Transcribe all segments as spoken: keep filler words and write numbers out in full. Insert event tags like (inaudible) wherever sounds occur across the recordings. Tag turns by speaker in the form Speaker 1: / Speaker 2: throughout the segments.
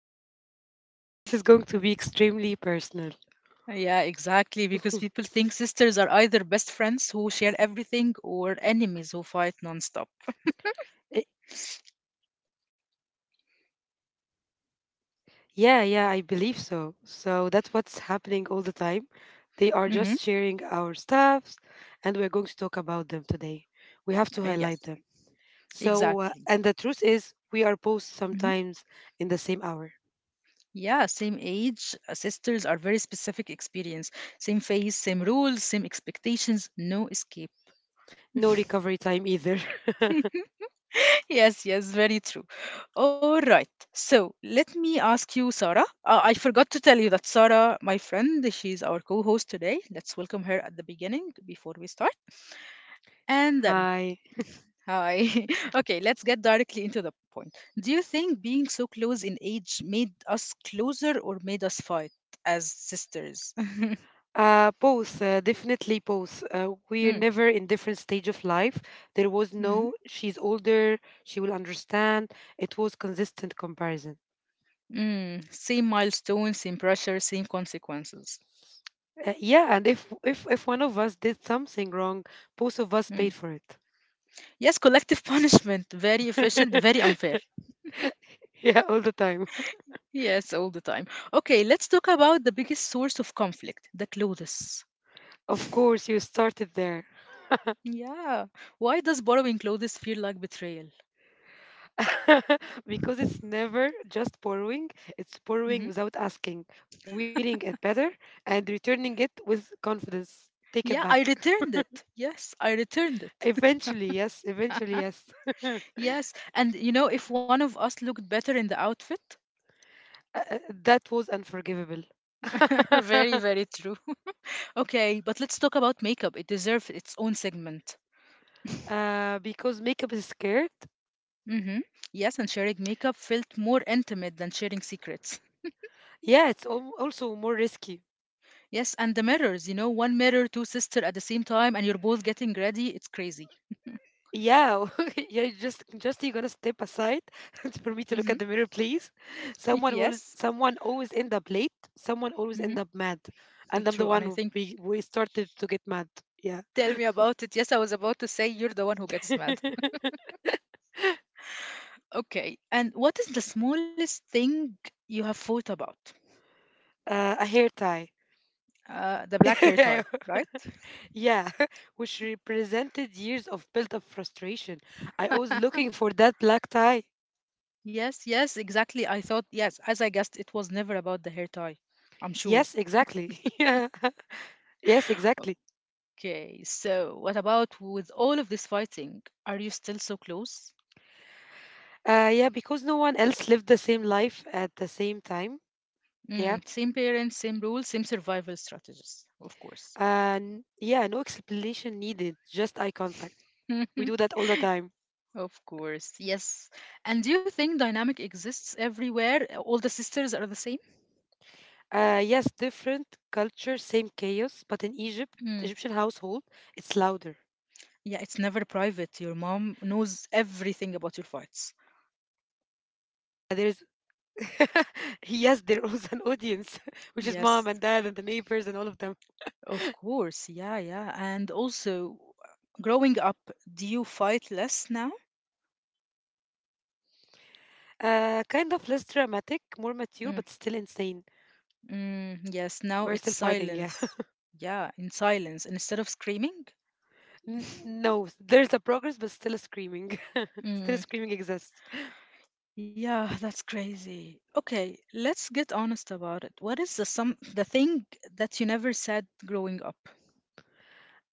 Speaker 1: (laughs) A little. This is going to be extremely personal.
Speaker 2: Yeah, exactly, because people
Speaker 1: (laughs)
Speaker 2: think sisters are either best friends who share everything or enemies who fight nonstop.
Speaker 1: Eh, Yeah, yeah, I believe so. So that's what's happening all the time. They are
Speaker 2: Mm-hmm.
Speaker 1: just sharing our stuffs, and we're going to talk about them today. We have to
Speaker 2: Uh,
Speaker 1: highlight
Speaker 2: yes,
Speaker 1: them. So, uh,
Speaker 2: exactly.
Speaker 1: and the truth is, we are both
Speaker 2: Mm-hmm.
Speaker 1: sometimes in the same hour.
Speaker 2: Yeah, same age, uh, sisters are very specific experience. Same face, same rules, same expectations, no escape.
Speaker 1: No recovery time either. (laughs)
Speaker 2: (laughs) Yes, yes, very true. All right. So let me ask you, Sarah. Uh, I forgot to tell you that Sarah, my friend, she's our co host today. Let's welcome her at the beginning before we start. And then,
Speaker 1: Hi.
Speaker 2: hi. (laughs) Okay, let's get directly into the point. Do you think being so close in age made us closer or made us fight as sisters? (laughs)
Speaker 1: Uh, both, uh, definitely both. Uh, we're
Speaker 2: Mm,
Speaker 1: never in different stage of life. There was
Speaker 2: mhm.
Speaker 1: no, she's older, she will understand. It was consistent comparison.
Speaker 2: Mm, same milestones, same pressure, same consequences.
Speaker 1: Uh, yeah, and if if if one of us did something wrong, both of us
Speaker 2: Mm.
Speaker 1: paid for it.
Speaker 2: Yes, collective (laughs) punishment. Very efficient, very
Speaker 1: (laughs)
Speaker 2: unfair.
Speaker 1: Yeah, all the time.
Speaker 2: Yes, all the time. Okay, let's talk about the biggest source of conflict the clothes.
Speaker 1: Of course, you started there.
Speaker 2: Yeah. Why does borrowing clothes feel like betrayal?
Speaker 1: (laughs) Because it's never just borrowing, it's
Speaker 2: Hmm.
Speaker 1: borrowing without asking, wearing it better, and returning it with confidence. Take it
Speaker 2: Yeah, I
Speaker 1: back.
Speaker 2: returned it. Yes, I returned it.
Speaker 1: Eventually, yes. Eventually, yes. (laughs)
Speaker 2: (laughs) Yes, and you know, if one of us looked better in the outfit,
Speaker 1: Uh, uh, that was unforgivable.
Speaker 2: (laughs) very,
Speaker 1: (laughs)
Speaker 2: very true. (laughs) Okay, but let's talk about makeup. It deserves its own segment.
Speaker 1: Uh, because makeup is scared.
Speaker 2: Mm-hmm. Yes, and sharing makeup felt more intimate than sharing secrets.
Speaker 1: Yeah, it's al- also more risky.
Speaker 2: Yes, and the mirrors, you know, one mirror, two sister at the same time, and you're both getting ready. It's crazy.
Speaker 1: Yeah, (laughs) yeah. Just, just you gonna step aside (laughs) for me to
Speaker 2: Mm-hmm.
Speaker 1: look at the mirror, please.
Speaker 2: (laughs)
Speaker 1: Someone
Speaker 2: Yes.
Speaker 1: always, someone always end up late. Someone always
Speaker 2: Mm-hmm.
Speaker 1: end up mad, and I'm the
Speaker 2: True. And
Speaker 1: one
Speaker 2: I
Speaker 1: who
Speaker 2: think,
Speaker 1: we, we started to get mad. Yeah,
Speaker 2: tell me about it. Yes, I was about to say you're the one who gets mad.
Speaker 1: (laughs)
Speaker 2: Okay. And what is the smallest thing you have thought about?
Speaker 1: uh, a hair tie.
Speaker 2: Uh, the black hair tie,
Speaker 1: (laughs)
Speaker 2: right?
Speaker 1: Yeah, (laughs) which represented years of built up frustration. I was looking for that black tie.
Speaker 2: Yes, yes, exactly. I thought, yes, as I guessed, it was never about the hair tie. I'm sure.
Speaker 1: Yes, exactly. (laughs) yeah. Yes, exactly.
Speaker 2: Okay, so what about with all of this fighting? Are you still so close?
Speaker 1: Uh, yeah, because no one else lived the same life at the same time. Yeah.
Speaker 2: Mm, same parents, same rules, same survival strategies, of course.
Speaker 1: And yeah, no explanation needed, just eye contact. We do
Speaker 2: (laughs)
Speaker 1: that all the time.
Speaker 2: Of course, yes. And do you think dynamic exists everywhere? All the sisters are the same?
Speaker 1: Uh, yes, different culture, same chaos, but in Egypt,
Speaker 2: Mm.
Speaker 1: Egyptian household, it's louder.
Speaker 2: Yeah, it's never private. Your mom knows everything about your fights.
Speaker 1: There is, (laughs) yes, there was an audience, (laughs) which is mom and dad and the neighbors
Speaker 2: Yes,
Speaker 1: and all of them.
Speaker 2: of course. Yeah, yeah. And also, growing up, do you fight less now?
Speaker 1: Uh, kind of less dramatic, more mature, but still
Speaker 2: Hmm.
Speaker 1: insane.
Speaker 2: Mm, yes,
Speaker 1: We're still
Speaker 2: now it's
Speaker 1: fighting, yeah. (laughs)
Speaker 2: silence. Yeah, in silence instead of screaming.
Speaker 1: N- no, there's a progress, but still screaming. (laughs) Still
Speaker 2: Mm,
Speaker 1: screaming exists.
Speaker 2: yeah, that's crazy. Okay, let's get honest about it. What is the some the thing that you never said growing up?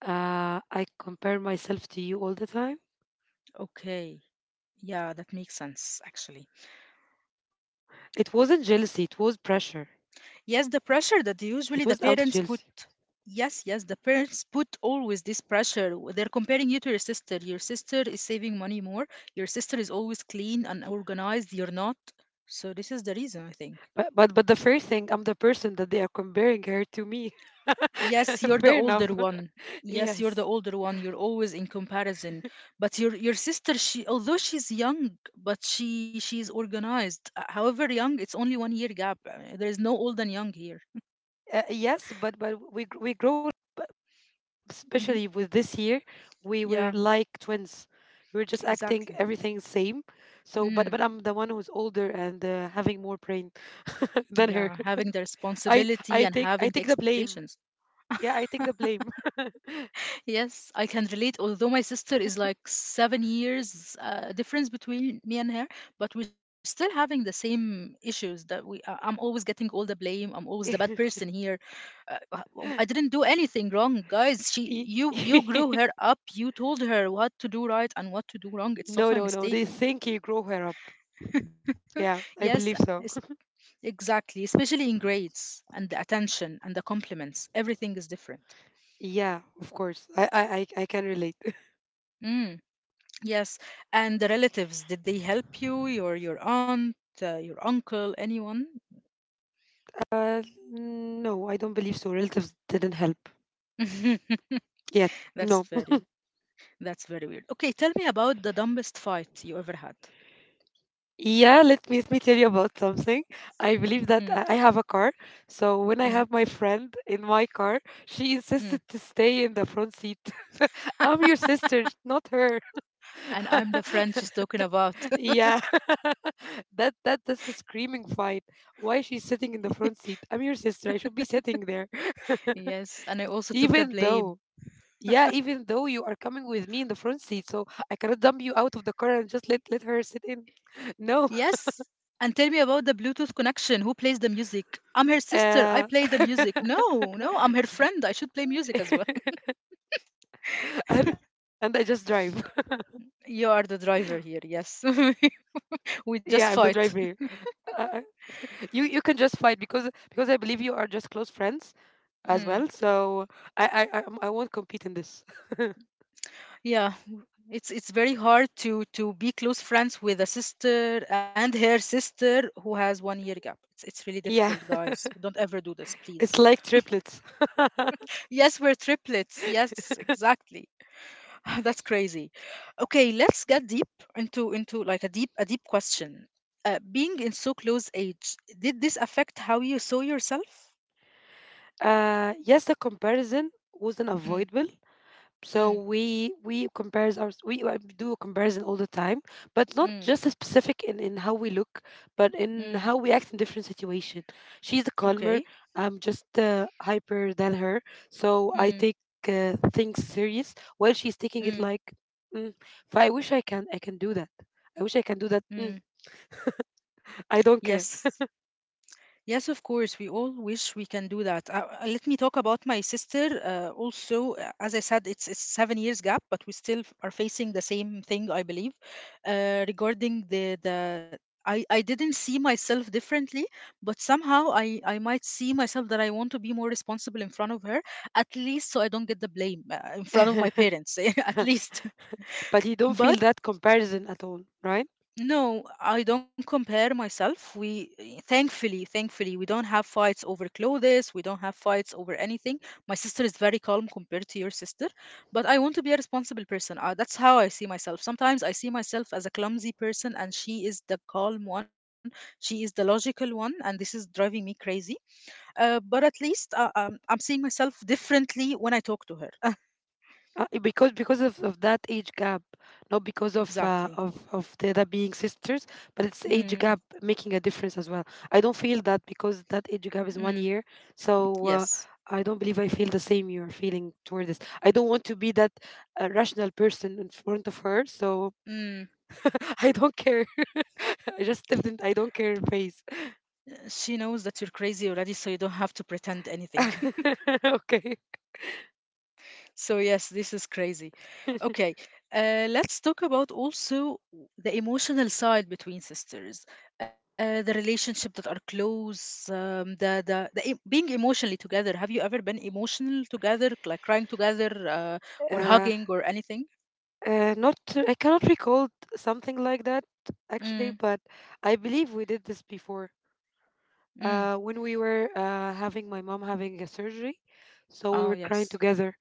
Speaker 1: Uh, I compare myself to you all the time.
Speaker 2: Okay. Yeah, that makes sense actually.
Speaker 1: It wasn't jealousy, it was pressure.
Speaker 2: Yes, the pressure that usually
Speaker 1: It
Speaker 2: the
Speaker 1: was out of
Speaker 2: parents put.
Speaker 1: jealousy.
Speaker 2: Yes, yes, the parents put always this pressure. w- They're comparing you to your sister. Your sister is saving money more. Your sister is always clean and organized. You're not. So this is the reason, I think.
Speaker 1: But but but the first thing, I'm the person that they are comparing her to me.
Speaker 2: Yes, you're
Speaker 1: (laughs)
Speaker 2: the
Speaker 1: Fair enough.
Speaker 2: older one.
Speaker 1: (laughs)
Speaker 2: Yes, you're the
Speaker 1: Yes.
Speaker 2: older one. You're always in comparison. But your your sister, she although she's young, but she she's organized. Uh, However young, it's only one year gap. Uh, There is no old and young here.
Speaker 1: Uh, yes, but but we gr- we grew up, especially with this
Speaker 2: Hmm.
Speaker 1: year, we were like
Speaker 2: Yeah,
Speaker 1: twins. We were just acting everything
Speaker 2: exactly.
Speaker 1: same. So, but but I'm
Speaker 2: Mm,
Speaker 1: the one who's older and uh, having more brain (laughs) than
Speaker 2: yeah,
Speaker 1: her.
Speaker 2: having the
Speaker 1: I
Speaker 2: responsibility and
Speaker 1: I take
Speaker 2: having
Speaker 1: I
Speaker 2: the
Speaker 1: take the blame.
Speaker 2: expectations.
Speaker 1: Yeah, I take the blame.
Speaker 2: Yes, I can relate. Although my sister is like seven years uh, difference between me and her, but we're still having the same issues that we. Uh, I'm always getting all the blame. I'm always the bad person
Speaker 1: (laughs)
Speaker 2: here. Uh, uh, w- I didn't do anything wrong, guys. She,
Speaker 1: Y-
Speaker 2: you, you grew her
Speaker 1: (laughs)
Speaker 2: up. You told her what to do right and what to do wrong. It's
Speaker 1: no,
Speaker 2: not my
Speaker 1: no, no. They
Speaker 2: mistake.
Speaker 1: think you grow her up.
Speaker 2: (laughs)
Speaker 1: Yeah, I
Speaker 2: Yes,
Speaker 1: believe so.
Speaker 2: es-
Speaker 1: (laughs)
Speaker 2: exactly. Especially in grades and the attention and the compliments. Everything is different.
Speaker 1: Yeah, of course. I I I I can relate. (laughs)
Speaker 2: Mm. Yes, and the relatives, did they help you? Your your aunt, uh, your uncle, anyone?
Speaker 1: Uh, no, I don't believe so. Relatives didn't help.
Speaker 2: (laughs)
Speaker 1: Yeah,
Speaker 2: That's
Speaker 1: no.
Speaker 2: very that's very weird. Okay, tell me about the dumbest fight you ever had.
Speaker 1: Yeah, let me, let me tell you about something. I believe
Speaker 2: Mm,
Speaker 1: that I I have a car. So when I
Speaker 2: mm,
Speaker 1: have my friend in my car, she insisted
Speaker 2: mm.
Speaker 1: to stay in the front seat. (laughs) I'm your sister, not her.
Speaker 2: And I'm the
Speaker 1: (laughs)
Speaker 2: friend she's talking about.
Speaker 1: Yeah. (laughs) that that that's a screaming fight. Why she's sitting in the front seat? I'm your sister. I should be sitting there.
Speaker 2: (laughs) Yes, and I
Speaker 1: (laughs)
Speaker 2: also took
Speaker 1: Even
Speaker 2: the
Speaker 1: though
Speaker 2: blame.
Speaker 1: yeah, even though you are coming with me in the front seat, so I cannot dump you out of the car and just let let her sit in. (laughs) No.
Speaker 2: Yes, and tell me about the Bluetooth connection. Who plays the music? I'm her sister. I
Speaker 1: Uh
Speaker 2: play the music.
Speaker 1: (laughs)
Speaker 2: No, no, I'm her friend. I should play music as well.
Speaker 1: (laughs) and, and I just drive. (laughs)
Speaker 2: (laughs) You are the driver here. Yes, (laughs)
Speaker 1: Yeah, I'm the
Speaker 2: we just
Speaker 1: driver.
Speaker 2: fight. (laughs)
Speaker 1: Uh, uh, you you can just fight because because I believe you are just close friends as well.
Speaker 2: Mm.
Speaker 1: So I I I, um, I won't compete in this.
Speaker 2: Yeah, w- it's it's very hard to to be close friends with a sister and her sister who has one year gap. It's it's really
Speaker 1: (laughs)
Speaker 2: difficult,
Speaker 1: Yeah, (laughs)
Speaker 2: guys. Don't ever do this, please.
Speaker 1: it's like triplets.
Speaker 2: Yes, we're triplets. Yes, exactly. (laughs) That's crazy. Okay, let's get deep into into like a deep a deep question. Uh, being in so close age, did this affect how you saw yourself?
Speaker 1: Uh, yes, the comparison was
Speaker 2: Mm,
Speaker 1: unavoidable. So
Speaker 2: mm,
Speaker 1: we we compares our we uh, do a comparison all the time, but not
Speaker 2: mm,
Speaker 1: just as specific in in how we look, but in
Speaker 2: mm.
Speaker 1: how we act in different situation. She's a calmer.
Speaker 2: Okay.
Speaker 1: I'm just uh, hyper than her, so I
Speaker 2: Mm,
Speaker 1: take uh, things serious while she's taking it
Speaker 2: mm,
Speaker 1: like, mm, if I wish I can I can do that. I wish I can do that.
Speaker 2: mm.
Speaker 1: Mm, I don't care.
Speaker 2: Yes. Yes, of course. We all wish we can do that. Uh, uh, let me talk about my sister. Uh, also, uh, as I said, it's, it's seven years gap, but we still f- are facing the same thing, I believe, uh, regarding the the. I, I didn't see myself differently, but somehow I, I might see myself that I want to be more responsible in front of her, at least so I don't get the blame uh, in front of my
Speaker 1: (laughs)
Speaker 2: parents, (laughs) at least.
Speaker 1: But you don't
Speaker 2: (laughs) But
Speaker 1: feel that comparison at all, right?
Speaker 2: no, I don't compare myself. We eh, thankfully, thankfully, we don't have fights over clothes. We don't have fights over anything. My sister is very calm compared to your sister, but I want to be a responsible person. Uh, that's how I see myself. Sometimes I see myself as a clumsy person, and she is the calm one. She is the logical one, and this is driving me crazy. Uh, but at least uh, um, I'm seeing myself differently when I talk to her. (laughs)
Speaker 1: Uh, because because of, of that age gap, not because of uh,
Speaker 2: Exactly.
Speaker 1: of of the other being sisters, but it's age
Speaker 2: Mm,
Speaker 1: gap making a difference as well. I don't feel that because that age gap is one
Speaker 2: mm,
Speaker 1: year, so uh,
Speaker 2: yes.
Speaker 1: I don't believe I feel the same you are feeling toward this. I don't want to be that uh, rational person in front of her, so
Speaker 2: Mm.
Speaker 1: (laughs) I don't care. (laughs) I just stepped in. I don't care face.
Speaker 2: She knows that you're crazy already, so you don't have to pretend anything. (laughs)
Speaker 1: (laughs) Okay.
Speaker 2: So, yes, this is crazy.
Speaker 1: (laughs)
Speaker 2: Okay, uh, let's talk about also the emotional side between sisters, uh, the relationship that are close, um, the, the, the em- being emotionally together. Have you ever been emotional together, like crying together, uh, or
Speaker 1: Uh,
Speaker 2: hugging, or anything?
Speaker 1: Uh, not I cannot recall something like that actually,
Speaker 2: Mm,
Speaker 1: but I believe we did this before.
Speaker 2: mm.
Speaker 1: Uh, when we were uh, having my mom having a surgery, so we
Speaker 2: Oh,
Speaker 1: were crying
Speaker 2: yes.
Speaker 1: together.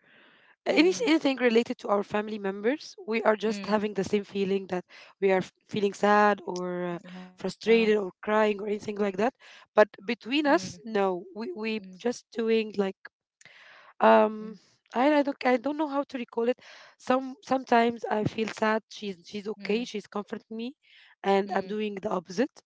Speaker 1: Any
Speaker 2: Mm,
Speaker 1: anything related to our family members, we are just
Speaker 2: mm,
Speaker 1: having the same feeling that we are f- feeling sad or uh,
Speaker 2: yeah.
Speaker 1: frustrated or crying or anything like that. But
Speaker 2: Mm,
Speaker 1: between us, no, we
Speaker 2: mm,
Speaker 1: we just doing like
Speaker 2: mm,
Speaker 1: um I, I don't I don't know how to recall it. Some sometimes I feel sad. She's she's okay.
Speaker 2: mm,
Speaker 1: She's comforting me, and I'm
Speaker 2: mm,
Speaker 1: doing the opposite.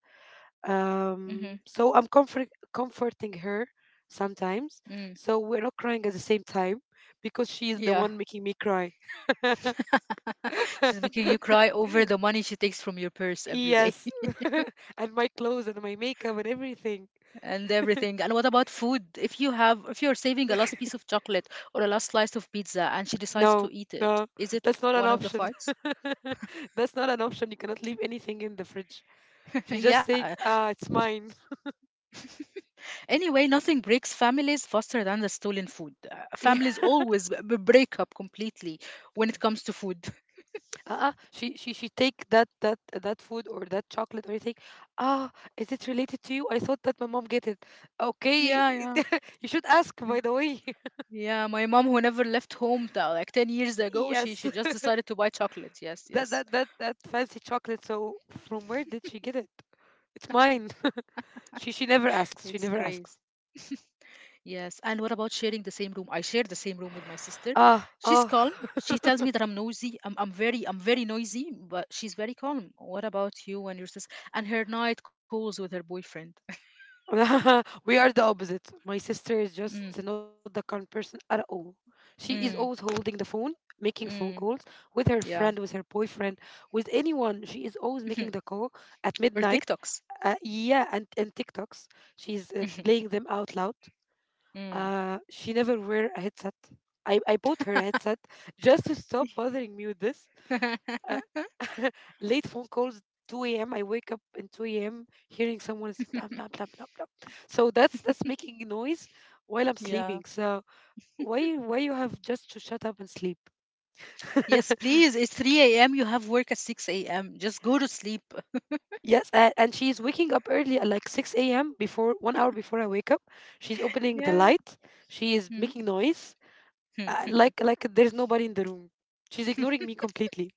Speaker 2: mm-hmm,
Speaker 1: Um, so I'm comfort comforting her sometimes.
Speaker 2: mm.
Speaker 1: So we're not crying at the same time because she is the
Speaker 2: Yeah,
Speaker 1: one making me cry.
Speaker 2: (laughs) she's making you cry
Speaker 1: (laughs)
Speaker 2: over the money she takes from your purse every day.
Speaker 1: Yes, (laughs) and my clothes and my makeup and everything.
Speaker 2: (laughs) And everything. And what about food? If you have, if you're saving a last piece
Speaker 1: (laughs)
Speaker 2: of chocolate or a last slice of pizza and she decides
Speaker 1: No,
Speaker 2: to eat it,
Speaker 1: no,
Speaker 2: is it
Speaker 1: that's not an
Speaker 2: one of the
Speaker 1: option.
Speaker 2: farts?
Speaker 1: (laughs) That's not an option. You cannot leave anything in the fridge.
Speaker 2: (laughs)
Speaker 1: She just
Speaker 2: Yeah.
Speaker 1: think, ah, it's mine. (laughs)
Speaker 2: Anyway, nothing breaks families faster than the stolen food. Uh,
Speaker 1: Yeah.
Speaker 2: families always b- b- break up completely when it comes to food. (laughs)
Speaker 1: Uh-uh. She she she take that that that food or that chocolate or anything. Ah, is it related to you? I thought that my mom get it.
Speaker 2: Yeah, yeah. I-
Speaker 1: Okay, (laughs) you should ask by the way. (laughs)
Speaker 2: Yeah, my mom who never left home till like ten years ago, she
Speaker 1: Yes.
Speaker 2: she just
Speaker 1: (laughs)
Speaker 2: decided to buy chocolate. Yes,
Speaker 1: That
Speaker 2: yes.
Speaker 1: that that that fancy chocolate. So from where did she get it? It's mine. (laughs) She she
Speaker 2: It's
Speaker 1: never asks.
Speaker 2: crazy.
Speaker 1: She never asks.
Speaker 2: Yes, and what about sharing the same room? I share the same room with my sister. She's
Speaker 1: Ah,
Speaker 2: calm.
Speaker 1: ah.
Speaker 2: She tells me that
Speaker 1: (laughs)
Speaker 2: I'm noisy. I'm I'm very I'm very noisy, but she's very calm. What about you and your sister? And her night calls with her boyfriend. (laughs)
Speaker 1: (laughs) We are the opposite. My sister is just
Speaker 2: Mm,
Speaker 1: not the kind person at all. She is always
Speaker 2: mm,
Speaker 1: holding the phone, making phone
Speaker 2: mm,
Speaker 1: calls with her friend,
Speaker 2: yeah.
Speaker 1: with her boyfriend, with anyone. She is always making the
Speaker 2: (laughs)
Speaker 1: call at
Speaker 2: Or
Speaker 1: midnight.
Speaker 2: TikToks.
Speaker 1: Uh, yeah, and, and TikToks. She's uh, playing
Speaker 2: (laughs)
Speaker 1: them out loud.
Speaker 2: Mm.
Speaker 1: Uh, she never wear a headset. I, I bought her a headset just to stop bothering me with this. Uh,
Speaker 2: (laughs)
Speaker 1: (laughs) late phone calls two a m. I wake up in two a m hearing someone is blah blah blah blah blah. So that's that's making noise while I'm
Speaker 2: Yeah.
Speaker 1: sleeping. So why why you have just to shut up and sleep?
Speaker 2: Yes,
Speaker 1: (laughs)
Speaker 2: please. It's three a m. You have work at six a m. Just go to sleep.
Speaker 1: Yes, and, and she's waking up early at like six a m before one hour before I wake up. She's opening the
Speaker 2: Yeah.
Speaker 1: light. She is
Speaker 2: Mm.
Speaker 1: making noise. Uh,
Speaker 2: (laughs)
Speaker 1: like like there's nobody in the room. She's ignoring me completely.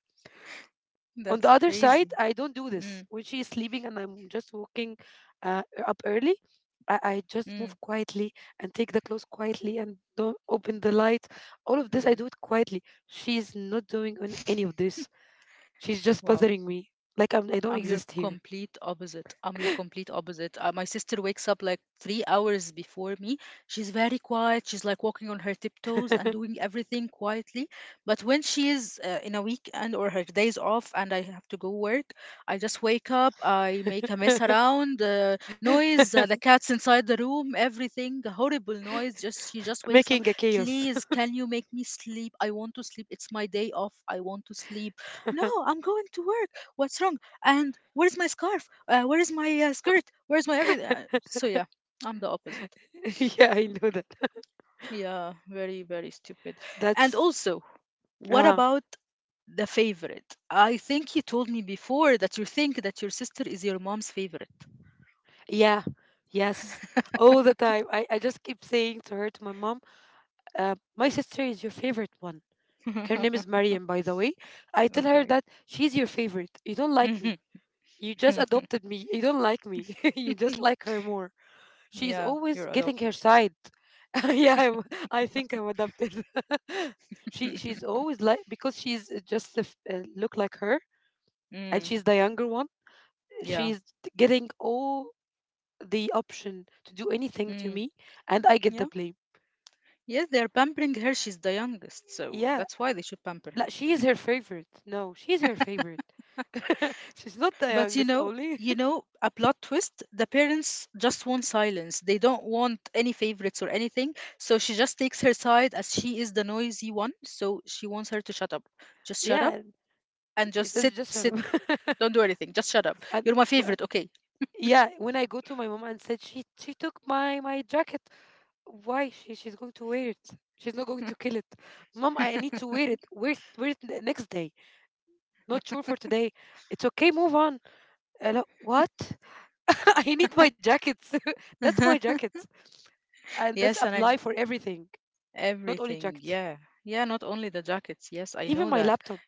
Speaker 1: On the
Speaker 2: That's
Speaker 1: other side,
Speaker 2: crazy.
Speaker 1: I don't do this.
Speaker 2: Mm,
Speaker 1: When she is sleeping and I'm just walking uh, up early, I, I
Speaker 2: mm,
Speaker 1: just move quietly and take the clothes quietly and don't open the light. All of this, I
Speaker 2: mm.
Speaker 1: do it quietly. She is not doing on any of this. She's just
Speaker 2: Wow.
Speaker 1: bothering me. Like I'm, I don't
Speaker 2: I'm your
Speaker 1: exist here.
Speaker 2: complete opposite. I'm your complete opposite. Uh, my sister wakes up like three hours before me. She's very quiet. She's like walking on her tiptoes and
Speaker 1: (laughs)
Speaker 2: doing everything quietly. But when she is uh, in a weekend or her days off and I have to go work, I just wake up. I make a mess around, uh, noise, uh, the cat's inside the room, everything, horrible noise. Just she just wakes up.
Speaker 1: Making a chaos.
Speaker 2: Please, can you make me sleep? I want to sleep. It's my day off. I want to sleep. No, I'm going to work. What's wrong? And where's my scarf, uh, where's my uh, skirt, where's my everything, uh, so yeah, I'm the opposite.
Speaker 1: (laughs) Yeah, I know that. (laughs)
Speaker 2: Yeah, very very stupid. And
Speaker 1: That's,
Speaker 2: also, what
Speaker 1: uh,
Speaker 2: about the favorite? I think you told me before that you think that your sister is your mom's favorite.
Speaker 1: yeah, yes. All the time. I, I just keep saying to her, to my mom, uh, my sister is your favorite one. Her name is
Speaker 2: (laughs)
Speaker 1: Mariam, by the way. I tell her
Speaker 2: Okay.
Speaker 1: that she's your favorite. You don't like me.
Speaker 2: Mhm.
Speaker 1: You just
Speaker 2: (laughs)
Speaker 1: adopted me. You don't like me. (laughs) You just like her more. She's
Speaker 2: Yeah,
Speaker 1: always
Speaker 2: you're
Speaker 1: getting her
Speaker 2: adopted.
Speaker 1: side. (laughs) yeah, I'm, I think I'm adopted. (laughs) She she's
Speaker 2: (laughs)
Speaker 1: always like because she's uh, just a f- uh, look like her, and
Speaker 2: Mm,
Speaker 1: she's the younger one.
Speaker 2: yeah.
Speaker 1: She's t- getting all the option to do anything to
Speaker 2: Mm,
Speaker 1: me, and I get the
Speaker 2: yeah.
Speaker 1: blame.
Speaker 2: Yes, they're pampering her. She's the youngest, so
Speaker 1: Yeah,
Speaker 2: that's why they should pamper.
Speaker 1: like, she is her favorite. No, she's her favorite. (laughs) She's not the
Speaker 2: But you
Speaker 1: youngest
Speaker 2: know,
Speaker 1: only.
Speaker 2: you know, a plot twist, the parents just want silence. They don't want any favorites or anything. So she just takes her side as she is the noisy one. So she wants her to shut up. Just shut up
Speaker 1: Yeah,
Speaker 2: and
Speaker 1: it's
Speaker 2: just
Speaker 1: just
Speaker 2: sit,
Speaker 1: just
Speaker 2: sit.
Speaker 1: a-
Speaker 2: Don't
Speaker 1: (laughs)
Speaker 2: do anything. Just shut up.
Speaker 1: and
Speaker 2: You're my
Speaker 1: when,
Speaker 2: favorite. Okay.
Speaker 1: yeah, when I go to my mom and said she she took my my jacket, why she she's going to wear it? She's not going to kill it. Mom, I need to wear it. Wear it, wear it the next day. Not sure for today. It's okay. Move on. Hello, what? (laughs) I need my jackets. (laughs) That's my
Speaker 2: (laughs)
Speaker 1: jackets, and that's
Speaker 2: Yes, and I
Speaker 1: apply for everything, not only
Speaker 2: everything.
Speaker 1: jackets.
Speaker 2: Yeah. Yeah, not only the jackets. Yes, I
Speaker 1: Even
Speaker 2: know
Speaker 1: my
Speaker 2: that.
Speaker 1: laptop.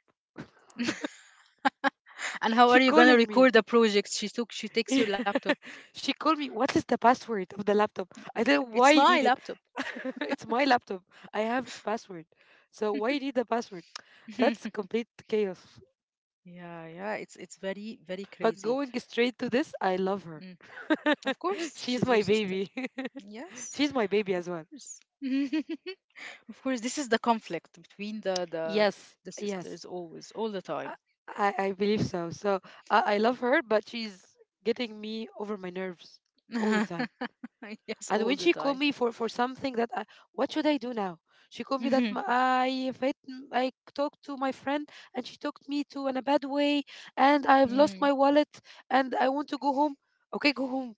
Speaker 2: And how are
Speaker 1: She
Speaker 2: you gonna
Speaker 1: calling me.
Speaker 2: record the project? She took she takes your laptop.
Speaker 1: (laughs) She called me, what is the password of the laptop? I don't know why
Speaker 2: It's
Speaker 1: you
Speaker 2: my
Speaker 1: need it.
Speaker 2: laptop.
Speaker 1: (laughs) It's my laptop. I have its password. So why you need the password? That's
Speaker 2: (laughs)
Speaker 1: complete chaos.
Speaker 2: Yeah, yeah, it's it's very, very
Speaker 1: But
Speaker 2: crazy.
Speaker 1: going straight to this, I love her. (laughs)
Speaker 2: Of course,
Speaker 1: She's
Speaker 2: she's your
Speaker 1: my
Speaker 2: sister.
Speaker 1: baby. (laughs)
Speaker 2: Yes,
Speaker 1: She's my baby
Speaker 2: of
Speaker 1: as well.
Speaker 2: course. (laughs) Of course, this is the conflict between the the
Speaker 1: Yes,
Speaker 2: the
Speaker 1: yes.
Speaker 2: sisters always, all the time.
Speaker 1: I, I I believe so. So I, I love her, but she's getting me over my nerves all the time.
Speaker 2: (laughs) Yes,
Speaker 1: And
Speaker 2: all
Speaker 1: when
Speaker 2: the
Speaker 1: she called
Speaker 2: time.
Speaker 1: me for for something that I, what should I do now? She called me that my,
Speaker 2: (laughs)
Speaker 1: I fit, I talked to my friend and she talked me to in a bad way and I've lost
Speaker 2: Mm.
Speaker 1: my wallet and I want to go home. Okay, go home.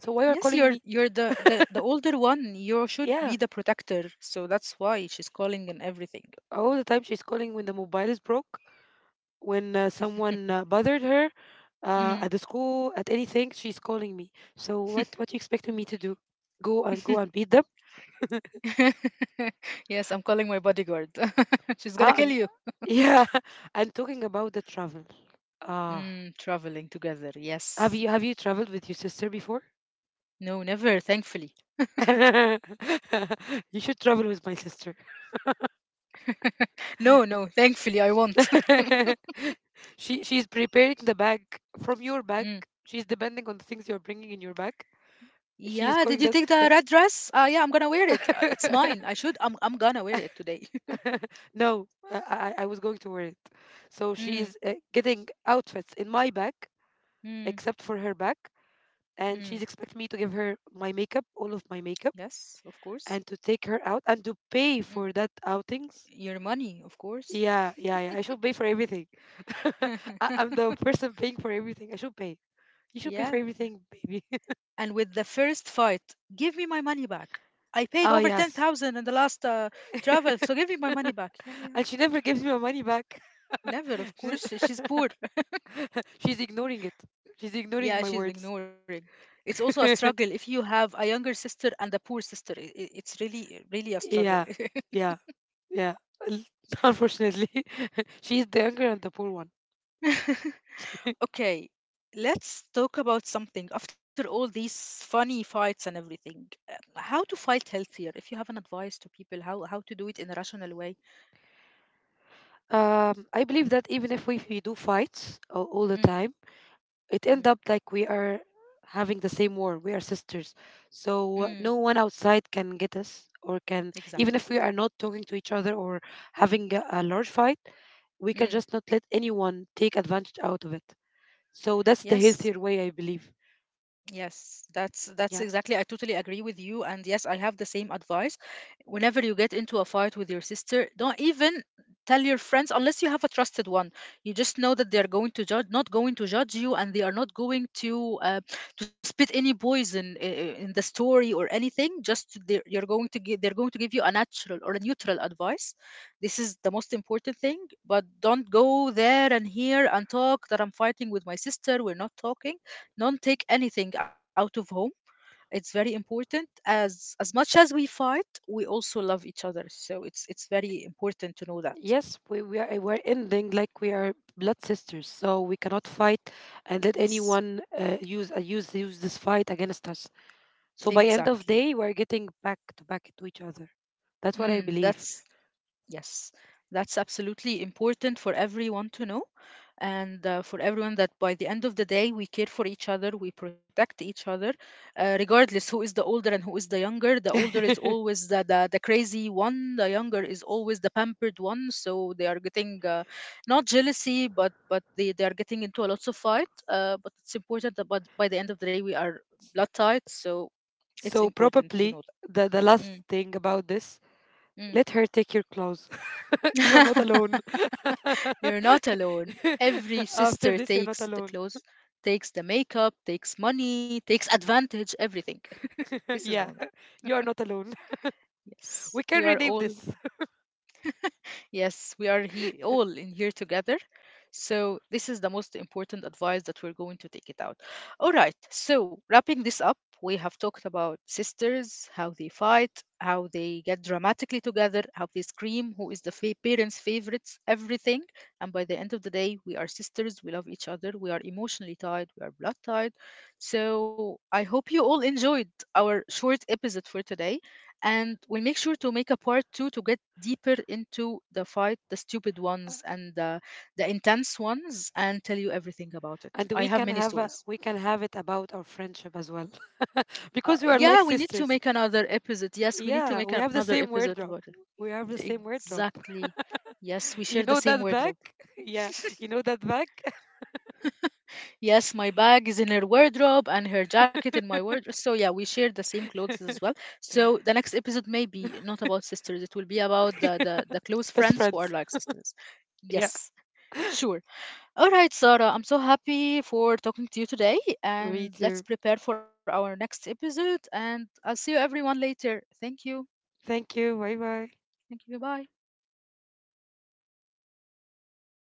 Speaker 1: So why are
Speaker 2: Yes,
Speaker 1: calling
Speaker 2: you're
Speaker 1: me?
Speaker 2: you're the, the the older one. You should
Speaker 1: Yeah,
Speaker 2: be the protector. So that's why she's calling and everything.
Speaker 1: all the time she's calling when the mobile is broke, when uh, someone uh, bothered her uh,
Speaker 2: Mhm.
Speaker 1: at the school, at anything, she's calling me. So what what you expecting me to do? Go and go
Speaker 2: (laughs)
Speaker 1: and beat them?
Speaker 2: Yes, I'm calling my bodyguard. (laughs) She's gonna
Speaker 1: Ah,
Speaker 2: kill
Speaker 1: and,
Speaker 2: you.
Speaker 1: (laughs) yeah. And talking about the travel. Ah,
Speaker 2: Mm, traveling together.
Speaker 1: Have
Speaker 2: Yes.
Speaker 1: you have you traveled with your sister before?
Speaker 2: No, never, thankfully.
Speaker 1: (laughs) You should travel with my sister.
Speaker 2: No, no, thankfully I won't.
Speaker 1: (laughs) She she's preparing the bag from your bag.
Speaker 2: (laughs)
Speaker 1: She's depending on the things you're bringing in your bag.
Speaker 2: Yeah,
Speaker 1: She
Speaker 2: did
Speaker 1: is
Speaker 2: you take
Speaker 1: calling that
Speaker 2: the red
Speaker 1: the.
Speaker 2: dress? Uh, yeah, I'm gonna wear it. Uh, it's mine. I
Speaker 1: (laughs)
Speaker 2: should. I'm. I'm gonna wear it today.
Speaker 1: no, I, I I was going to wear it. So
Speaker 2: (laughs) mm,
Speaker 1: she's uh, getting outfits in my bag,
Speaker 2: mm,
Speaker 1: except for her bag, and
Speaker 2: mm.
Speaker 1: she's expecting me to give her my makeup, all of my makeup,
Speaker 2: Yes, of course.
Speaker 1: and to take her out and to pay
Speaker 2: Mm.
Speaker 1: for that outings.
Speaker 2: Your money, of course.
Speaker 1: Yeah, yeah, yeah. I should pay for everything. (laughs) I,
Speaker 2: (laughs)
Speaker 1: I'm the person paying for everything. I should pay. You should pay for
Speaker 2: Yeah.
Speaker 1: everything, baby. (laughs)
Speaker 2: And with the first fight, give me my money back. I paid
Speaker 1: Oh
Speaker 2: over
Speaker 1: yes.
Speaker 2: ten thousand in the last uh, travel, so give me my
Speaker 1: (laughs)
Speaker 2: money back. Yeah, yeah.
Speaker 1: And she never gives me my money back. (laughs)
Speaker 2: Never, of
Speaker 1: She's,
Speaker 2: course. she- She's poor.
Speaker 1: (laughs) she's ignoring it. She's ignoring
Speaker 2: (laughs)
Speaker 1: my
Speaker 2: Yeah, she's
Speaker 1: words.
Speaker 2: ignoring. It's also a
Speaker 1: (laughs)
Speaker 2: struggle if you have a younger sister and a poor sister. I i- it's really, really a struggle.
Speaker 1: yeah, yeah, yeah. L- (laughs) Unfortunately, (laughs) she is the younger and the poor one.
Speaker 2: (laughs) Okay, let's talk about something. After all these funny fights and everything, uh, how to fight healthier? If you have an advice to people, how how to do it in a rational way?
Speaker 1: Um, I believe that even if we, we do fights all, all the
Speaker 2: Mm,
Speaker 1: time, it end
Speaker 2: mm,
Speaker 1: up like we are having the same war. We are sisters, so uh,
Speaker 2: mm,
Speaker 1: no one outside can get us. Or, can even
Speaker 2: exactly.
Speaker 1: if we are not talking to each other or having a, a large fight, we can
Speaker 2: Mm.
Speaker 1: just not let anyone take advantage out of it. So that's the
Speaker 2: Yes,
Speaker 1: healthier way, I believe.
Speaker 2: Yes, that's that's
Speaker 1: Yeah.
Speaker 2: exactly. I totally agree with you, and yes, I have the same advice. Whenever you get into a fight with your sister, don't even tell your friends unless you have a trusted one. You just know that they are going to judge, not going to judge you, and they are not going to uh, to spit any poison i- i- in the story or anything. Just they're, you're going to give, they're going to give you a natural or a neutral advice. This is the most important thing. But don't go there and here and talk that I'm fighting with my sister. We're not talking. Don't take anything out of home. It's very important. as as much as we fight, we also love each other, so it's it's very important to know that.
Speaker 1: Yes, we, we are we're ending like we are blood sisters, so we cannot fight and let
Speaker 2: Yes,
Speaker 1: anyone uh, use uh, use use this fight against us. So by end
Speaker 2: exactly.
Speaker 1: of day we're getting back to back to each other. That's what I
Speaker 2: mm,
Speaker 1: believe.
Speaker 2: that's Yes, that's absolutely important for everyone to know, and uh, for everyone that by the end of the day, we care for each other, we protect each other, uh, regardless who is the older and who is the younger. The older is
Speaker 1: (laughs)
Speaker 2: always the, the, the crazy one, the younger is always the pampered one. So they are getting uh, not jealousy, but but they, they are getting into a lots of fight. Uh, but it's important that but by the end of the day, we are blood tight, so it's
Speaker 1: So
Speaker 2: important to
Speaker 1: probably
Speaker 2: know
Speaker 1: the, the last
Speaker 2: that.
Speaker 1: thing about this,
Speaker 2: Mm, mm.
Speaker 1: let her take your clothes.
Speaker 2: (laughs)
Speaker 1: (laughs) You're not alone.
Speaker 2: (laughs) You're not alone. Every
Speaker 1: (laughs) After
Speaker 2: sister
Speaker 1: this, you're not
Speaker 2: takes the
Speaker 1: alone.
Speaker 2: clothes, takes the makeup, takes money, takes advantage, everything. This
Speaker 1: (laughs)
Speaker 2: is
Speaker 1: Yeah,
Speaker 2: normal.
Speaker 1: you're not alone. (laughs)
Speaker 2: Yes.
Speaker 1: We
Speaker 2: We
Speaker 1: can
Speaker 2: are
Speaker 1: rename
Speaker 2: all.
Speaker 1: this.
Speaker 2: Yes, we are he all in here together. So this is the most important advice that we're going to take it out. All right. So wrapping this up, we have talked about sisters, how they fight, how they get dramatically together, how they scream, who is the fa- parents' favorites, everything. And by the end of the day, we are sisters. We love each other. We are emotionally tied. We are blood tied. So I hope you all enjoyed our short episode for today, and we'll make sure to make a part two to get deeper into the fight, the stupid ones
Speaker 1: (laughs)
Speaker 2: and the, the intense ones, and tell you everything about it.
Speaker 1: And
Speaker 2: I
Speaker 1: we
Speaker 2: have
Speaker 1: can
Speaker 2: many
Speaker 1: have a,
Speaker 2: stories.
Speaker 1: we can have it about our friendship as well. (laughs)
Speaker 2: Uh,
Speaker 1: Because we are
Speaker 2: yeah,
Speaker 1: like
Speaker 2: we need to
Speaker 1: sisters.
Speaker 2: make another episode. Yes, we need to
Speaker 1: Yeah,
Speaker 2: make
Speaker 1: we have the
Speaker 2: another
Speaker 1: same
Speaker 2: episode
Speaker 1: wardrobe.
Speaker 2: about it.
Speaker 1: we have the same wardrobe
Speaker 2: Exactly. Yes, we
Speaker 1: (laughs) you
Speaker 2: share the
Speaker 1: know
Speaker 2: same
Speaker 1: that bag.
Speaker 2: wardrobe.
Speaker 1: (laughs) Yeah, you know that bag.
Speaker 2: Yes, my bag is in her wardrobe and her jacket in my wardrobe. So, yeah, we share the same clothes as well. So, the next episode may be not about sisters, it will be about the, the, the close
Speaker 1: (laughs) Best
Speaker 2: friends who
Speaker 1: friends.
Speaker 2: are like sisters.
Speaker 1: Yeah.
Speaker 2: Yes. Sure. All right, Sarah, I'm so happy for talking to you today.
Speaker 1: (laughs) Me
Speaker 2: And let's
Speaker 1: too.
Speaker 2: prepare for our next episode. And I'll see you everyone later. Thank you.
Speaker 1: Thank you. Bye bye.
Speaker 2: Thank you. Bye.